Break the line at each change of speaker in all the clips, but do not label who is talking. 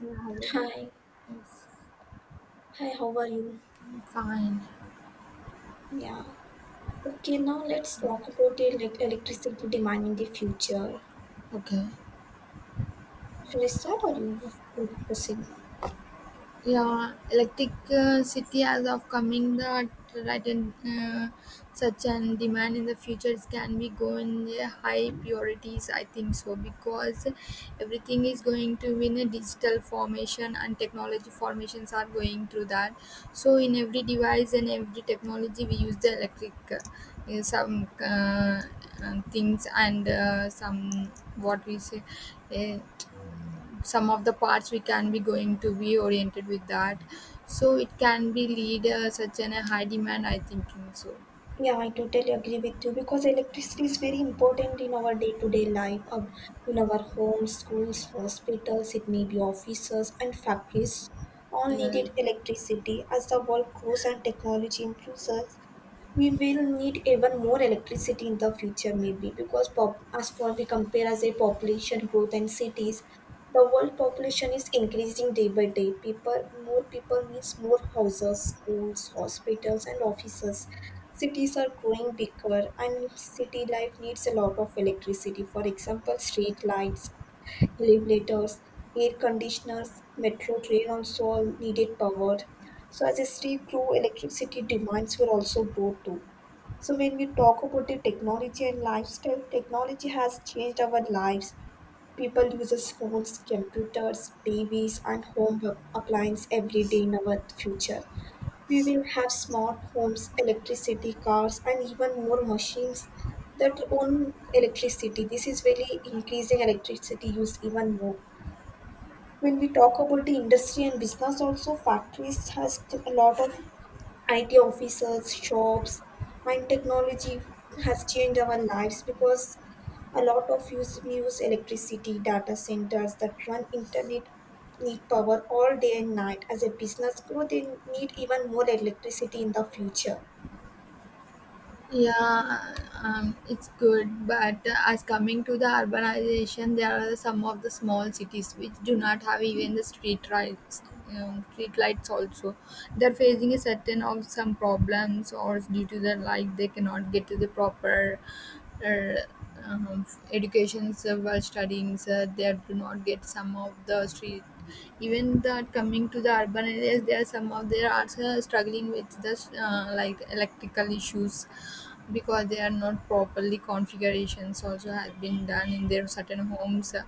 Yeah,
Hi,
yes,
hi, how are you?
fine.
Yeah. Okay, now let's talk about the electricity demand in the future.
Okay.
Shall I start or you would proceed?
Yeah, electricity as of coming the right in such an demand in the future can be going high priorities. I think so because everything is going to be in a digital formation and technology formations are going through that. So in every device and every technology we use the electric some things and some what we say. Uh, some of the parts we can be going to be oriented with that so it can be lead such an a high demand I thinking so.
Yeah, I totally agree with you because electricity is very important in our day to day life, in our homes, schools, hospitals, it may be offices and factories. All
yeah
needed electricity. As the world grows and technology improves, us, we will need even more electricity in the future, maybe because as for we compare as a population growth and cities, the world population is increasing day by day. People, more people means more houses, schools, hospitals, and offices. Cities are growing bigger and city life needs a lot of electricity. For example, street lights, elevators, air conditioners, metro train also all needed power. So as a city grew, electricity demands will also grow too. So when we talk about the technology and lifestyle, technology has changed our lives. People uses phones, computers, TVs, and home appliances every day in our future. We will have smart homes, electricity, cars, and even more machines that own electricity. This is really increasing electricity use even more. When we talk about the industry and business, also factories a lot of IT officers, shops, and technology has changed our lives because a lot of use we use electricity, data centers that run internet need power all day and night. As a business grow, they need even more electricity in the future.
yeah It's good but as coming to the urbanization there are some of the small cities which do not have even the street lights, street lights also. They're facing a certain of some problems or due to the like they cannot get to the proper uh, um, educations while studying. They do not get some of the street, even that coming to the urban areas there are some of they are also struggling with the like electrical issues because they are not properly configurations also have been done in their certain homes.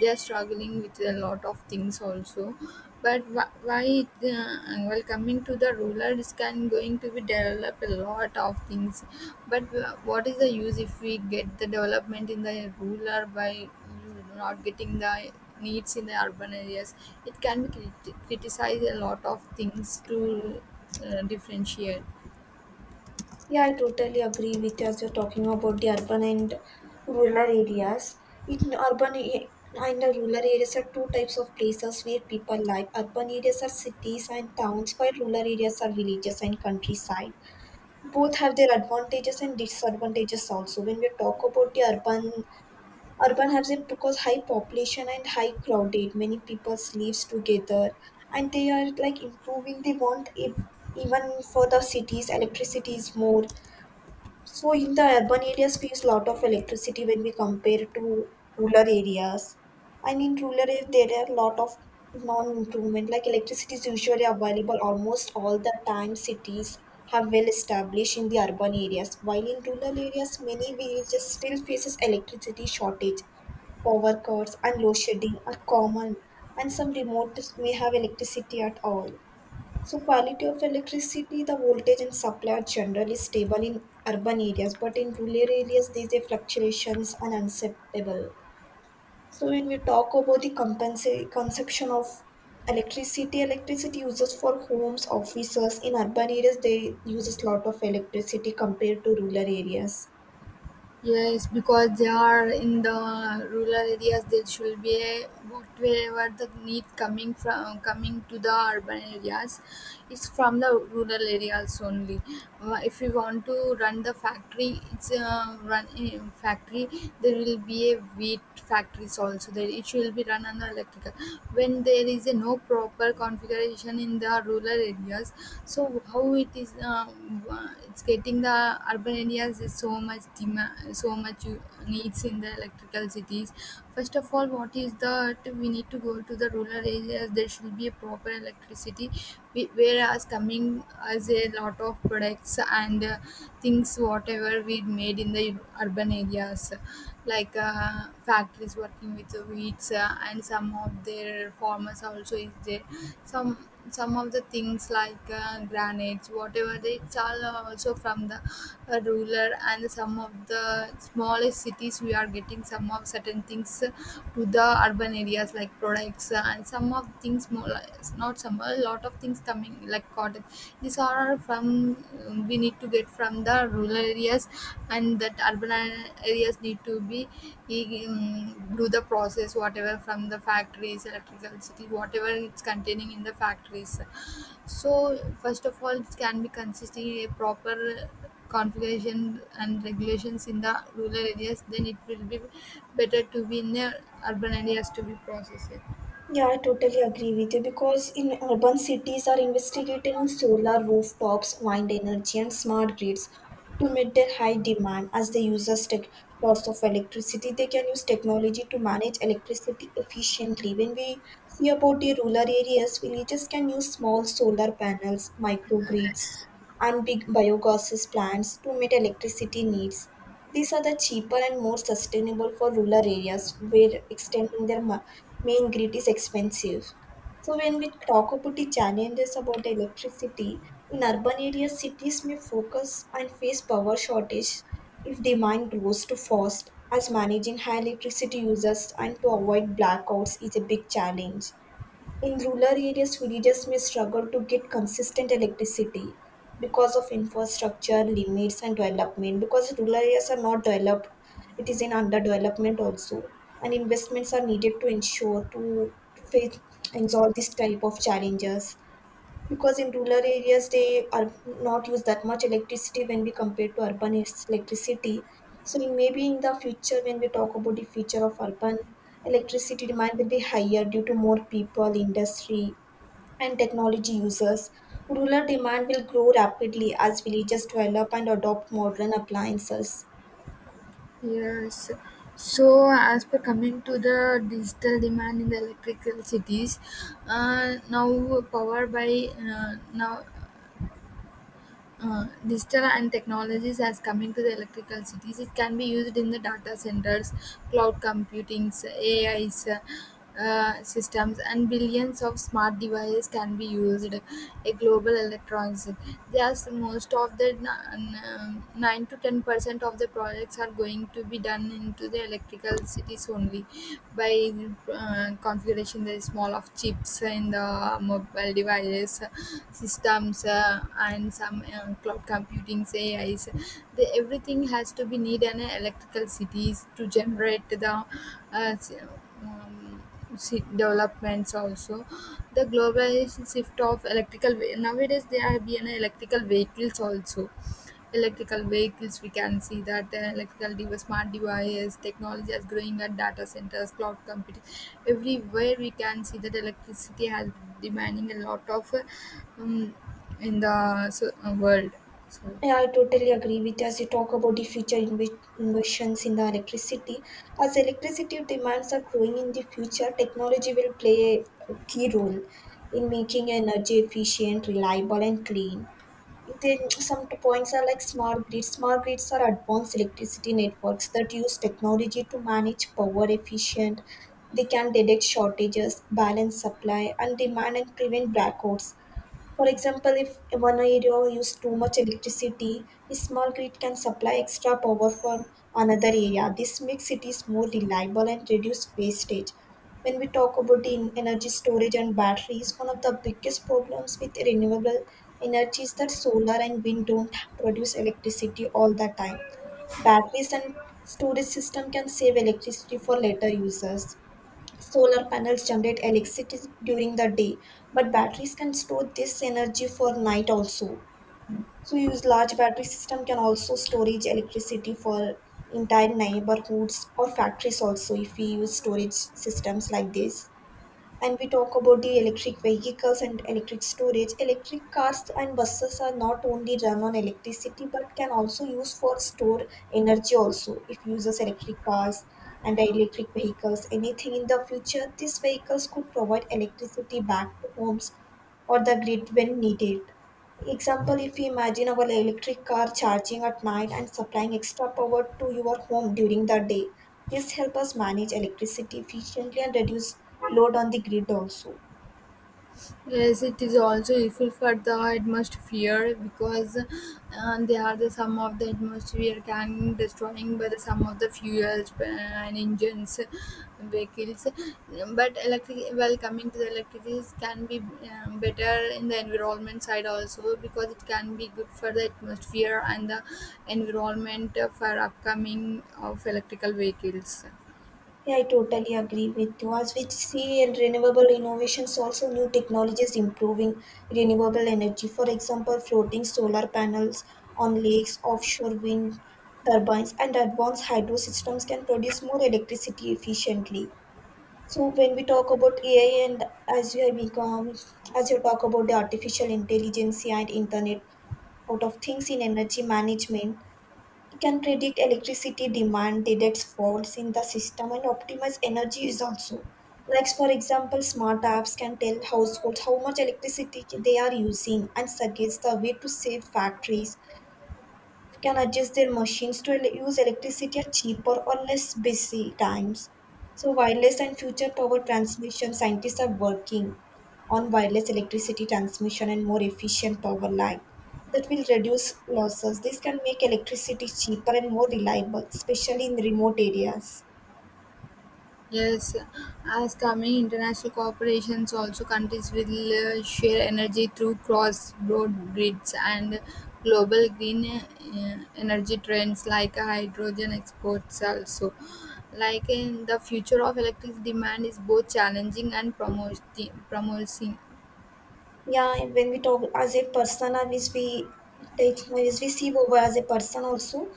They are struggling with a lot of things also, but why well coming to the rural is can going to be develop a lot of things, but what is the use if we get the development in the rural by you know, not getting the needs in the urban areas? It can be criticize a lot of things to differentiate.
Yeah, I totally agree with you as you're talking about the urban and rural areas. In and the rural areas are two types of places where people live. Urban areas are cities and towns, while rural areas are villages and countryside. Both have their advantages and disadvantages also. When we talk about urban, has it because high population and high crowded, many people lives together, and they are like improving. They want if even for the cities, electricity is more, so in the urban areas, we use a lot of electricity when we compare to rural areas. And in rural areas, there are a lot of non-improvement. Like electricity is usually available almost all the time. Cities have well established in the urban areas, while in rural areas, many villages still faces electricity shortage. Power cuts and load shedding are common, and some remote may have electricity at all. So quality of electricity, the voltage and supply are generally stable in urban areas, but in rural areas these are fluctuations are unacceptable. So when we talk about the consumption of electricity, electricity uses for homes, offices in urban areas they uses lot of electricity compared to rural areas.
Yes, because they are in the rural areas, there should be a booked wherever the need coming from coming to the urban areas. It's from the rural areas only. If we want to run the factory, it's a run factory. There will be a wheat factories also. There it will be run on the electrical. When there is a no proper configuration population in the rural areas, so how it is it's getting the urban areas is so much demand, so much needs in the electrical cities. First of all, what is that we need to go to the rural areas, there should be a proper electricity, whereas coming as a lot of products and things whatever we made in the urban areas, like factories working with the wheats and some of their farmers also is there. Some of the things like granites whatever they it's all also from the ruler and some of the smallest cities we are getting some of certain things to the urban areas, like products and some of things more not some, a lot of things coming like cotton, these are from, we need to get from the rural areas and that urban areas need to be, do the process whatever from the factories electricity whatever it's containing in the factories. So first of all, it can be consisting a proper configuration and regulations in the rural areas. Then it will be better to be in the urban areas to be processed.
Yeah, I totally agree with you because in urban cities are investigating solar rooftops, wind energy, and smart grids to meet their high demand as the users take lots of electricity. They can use technology to manage electricity efficiently. When we see about the rural areas, villages can use small solar panels, microgrids, and big biogases plants to meet electricity needs. These are the cheaper and more sustainable for rural areas where extending their main grid is expensive. So when we talk about the challenges about the electricity, in urban areas, cities may focus and face power shortage if demand grows too fast, as managing high electricity users and to avoid blackouts is a big challenge. In rural areas, villages may struggle to get consistent electricity because of infrastructure limits and development. Because rural areas are not developed, it is in underdevelopment also, and investments are needed to ensure to face and solve this type of challenges, because in rural areas they are not use that much electricity when we compare to urban it's electricity. So in maybe in the future when we talk about the future of urban, electricity demand will be higher due to more people, industry, and technology users. Rural demand will grow rapidly as villages develop and adopt modern appliances.
Yes. So, as per coming to the digital demand in the electrical cities, now power by now digital and technologies has come into the electrical cities, it can be used in the data centers, cloud computings, ais, systems, and billions of smart devices can be used a global electronics. Just most of the 9 to 10% of the projects are going to be done into the electrical cities only by configuration the small of chips in the mobile devices systems and some cloud computing A is the, everything has to be need an electrical cities to generate the developments also. The globalization shift of electrical nowadays there are being electrical vehicles also. Electrical vehicles, we can see that the electrical device, smart devices technology is growing at data centers, cloud computing. Everywhere we can see that electricity has demanding a lot of um, in the so, world, so.
Yeah, I totally agree with you as you talk about the future inventions in the electricity. As electricity demands are growing in the future, technology will play a key role in making energy efficient, reliable, and clean. Then some points are like smart grids. Smart grids are advanced electricity networks that use technology to manage power efficient. They can detect shortages, balance supply and demand, and prevent blackouts. For example, if one area uses too much electricity, a small grid can supply extra power from another area. This makes cities more reliable and reduce wastage. When we talk about the energy storage and batteries, one of the biggest problems with renewable energy is that solar and wind don't produce electricity all the time. Batteries and storage system can save electricity for later users. Solar panels generate electricity during the day, but batteries can store this energy for night also. So use large battery system can also storage electricity for entire neighborhoods or factories also, if we use storage systems like this. And we talk about the electric vehicles and electric storage, electric cars and buses are not only run on electricity but can also use for store energy also. If uses electric cars and electric vehicles anything in the future, these vehicles could provide electricity back to homes or the grid when needed. Example, if you imagine our electric car charging at night and supplying extra power to your home during the day. This helps us manage electricity efficiently and reduce load on the grid also.
Yes, it is also useful for the atmosphere because they are the some of the atmosphere can destroying by the some of the fuels and engines, vehicles. But electric, well, coming to the electricity can be, better in the environment side also because it can be good for the atmosphere and the environment for upcoming of electrical vehicles.
Yeah, I totally agree with you. As we see in renewable innovations, also new technologies improving renewable energy. For example, floating solar panels on lakes, offshore wind turbines, and advanced hydro systems can produce more electricity efficiently. So when we talk about AI and as you have become, as you talk about the artificial intelligence and internet out of things in energy management, it can predict electricity demand, detect faults in the system and optimize energy use also. Like for example, smart apps can tell households how much electricity they are using and suggest the way to save. Factories can adjust their machines to use electricity at cheaper or less busy times. So, wireless and future power transmission scientists are working on wireless electricity transmission and more efficient power line that will reduce losses. This can make electricity cheaper and more reliable, especially in remote areas.
Yes, as coming international corporations also countries will share energy through cross-border grids and global green energy trends like hydrogen exports also. Like in the future of electric demand is both challenging and promoting, promising.
Yeah, and when we talk as a person or as we take, as we see over as a person also,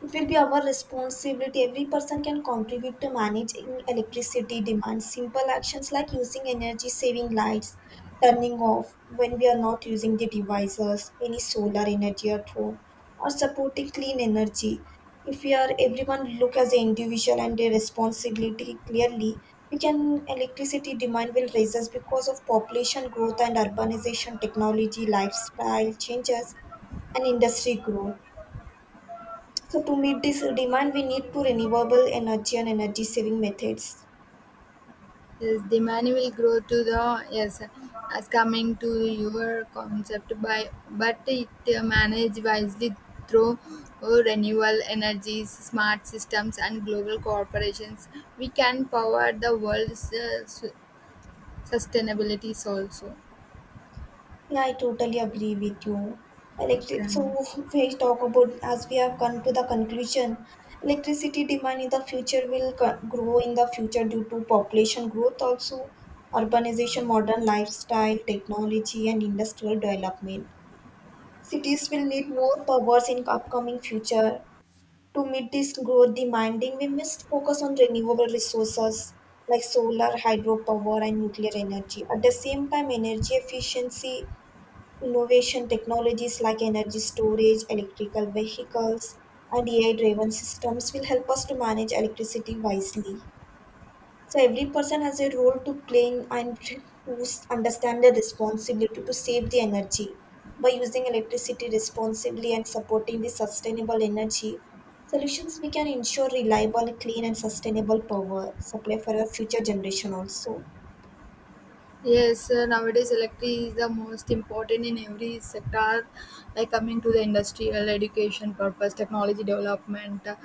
it will be our responsibility. Every person can contribute to managing electricity demand. Simple actions like using energy saving lights, turning off when we are not using the devices, any solar energy at home, or supporting clean energy. If we are everyone look as an individual and their responsibility clearly, we can, electricity demand will rise us because of population growth and urbanization, technology lifestyle changes, and industry growth. So to meet this demand, we need to renewable energy and energy saving methods.
Yes, the money will grow to the yes, as coming to your concept by but it manage wisely through renewable energies, smart systems, and global corporations. We can power the world's sustainabilities also.
Yeah, I totally agree with you. Electric.
Okay.
So we talk about as we have come to the conclusion, electricity demand in the future will grow in the future due to population growth, also urbanization, modern lifestyle, technology, and industrial development. Cities will need more powers in upcoming future. To meet this growth demanding, we must focus on renewable resources like solar, hydropower, and nuclear energy. At the same time, energy efficiency innovation technologies like energy storage, electrical vehicles, and AI driven systems will help us to manage electricity wisely. So, every person has a role to play in, and to understand the responsibility to save the energy by using electricity responsibly and supporting the sustainable energy solutions. We can ensure reliable, clean, and sustainable power supply for our future generation also.
Yes, nowadays electricity is the most important in every sector, like coming to the industrial education purpose, technology development,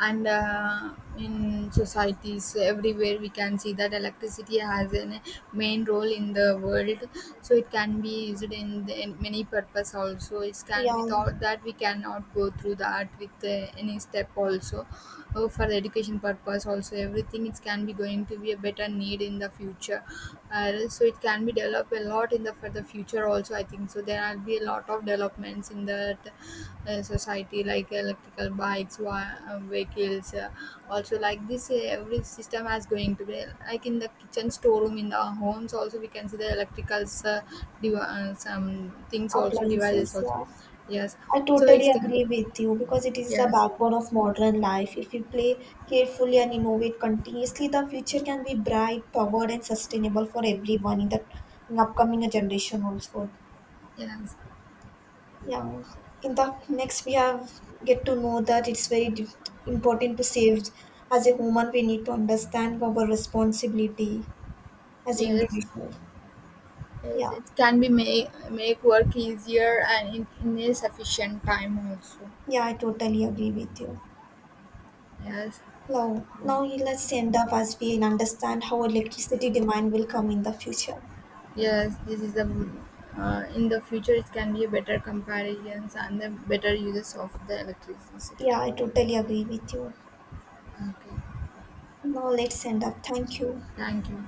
and in societies, so everywhere we can see that electricity has a main role in the world. So it can be used in, the, in many purpose also. It
Yeah,
can without that we cannot go through that with any step also. Oh, for the education purpose also everything it can be going to be a better need in the future, so it can be developed a lot in the for the future also. I think so there will be a lot of developments in the society, like electrical bikes, vehicles, also like this. Every system has going to be like in the kitchen, storeroom, in the homes also we can see the electricals, some things also, devices
appliances,
also.
yeah.
Yes,
I
so it's
totally
can,
agree with you because it is the
yes,
backbone of modern life. If we play carefully and innovate continuously, the future can be bright, powered, and sustainable for everyone in the in upcoming generation also.
yes,
Yeah, in the next we have get to know that it's very important to save. As a human, we need to understand our responsibility as an
yes.
individual.
Yes,
Yeah,
it can be make work easier and in a sufficient time also.
yeah, I totally agree with you.
Yes,
No, now let's end up as we understand how electricity demand will come in the future.
yes, this is the in the future it can be a better comparisons and the better uses of the electricity.
Yeah, I totally agree with you.
Okay,
Now let's end up. Thank you.
thank you.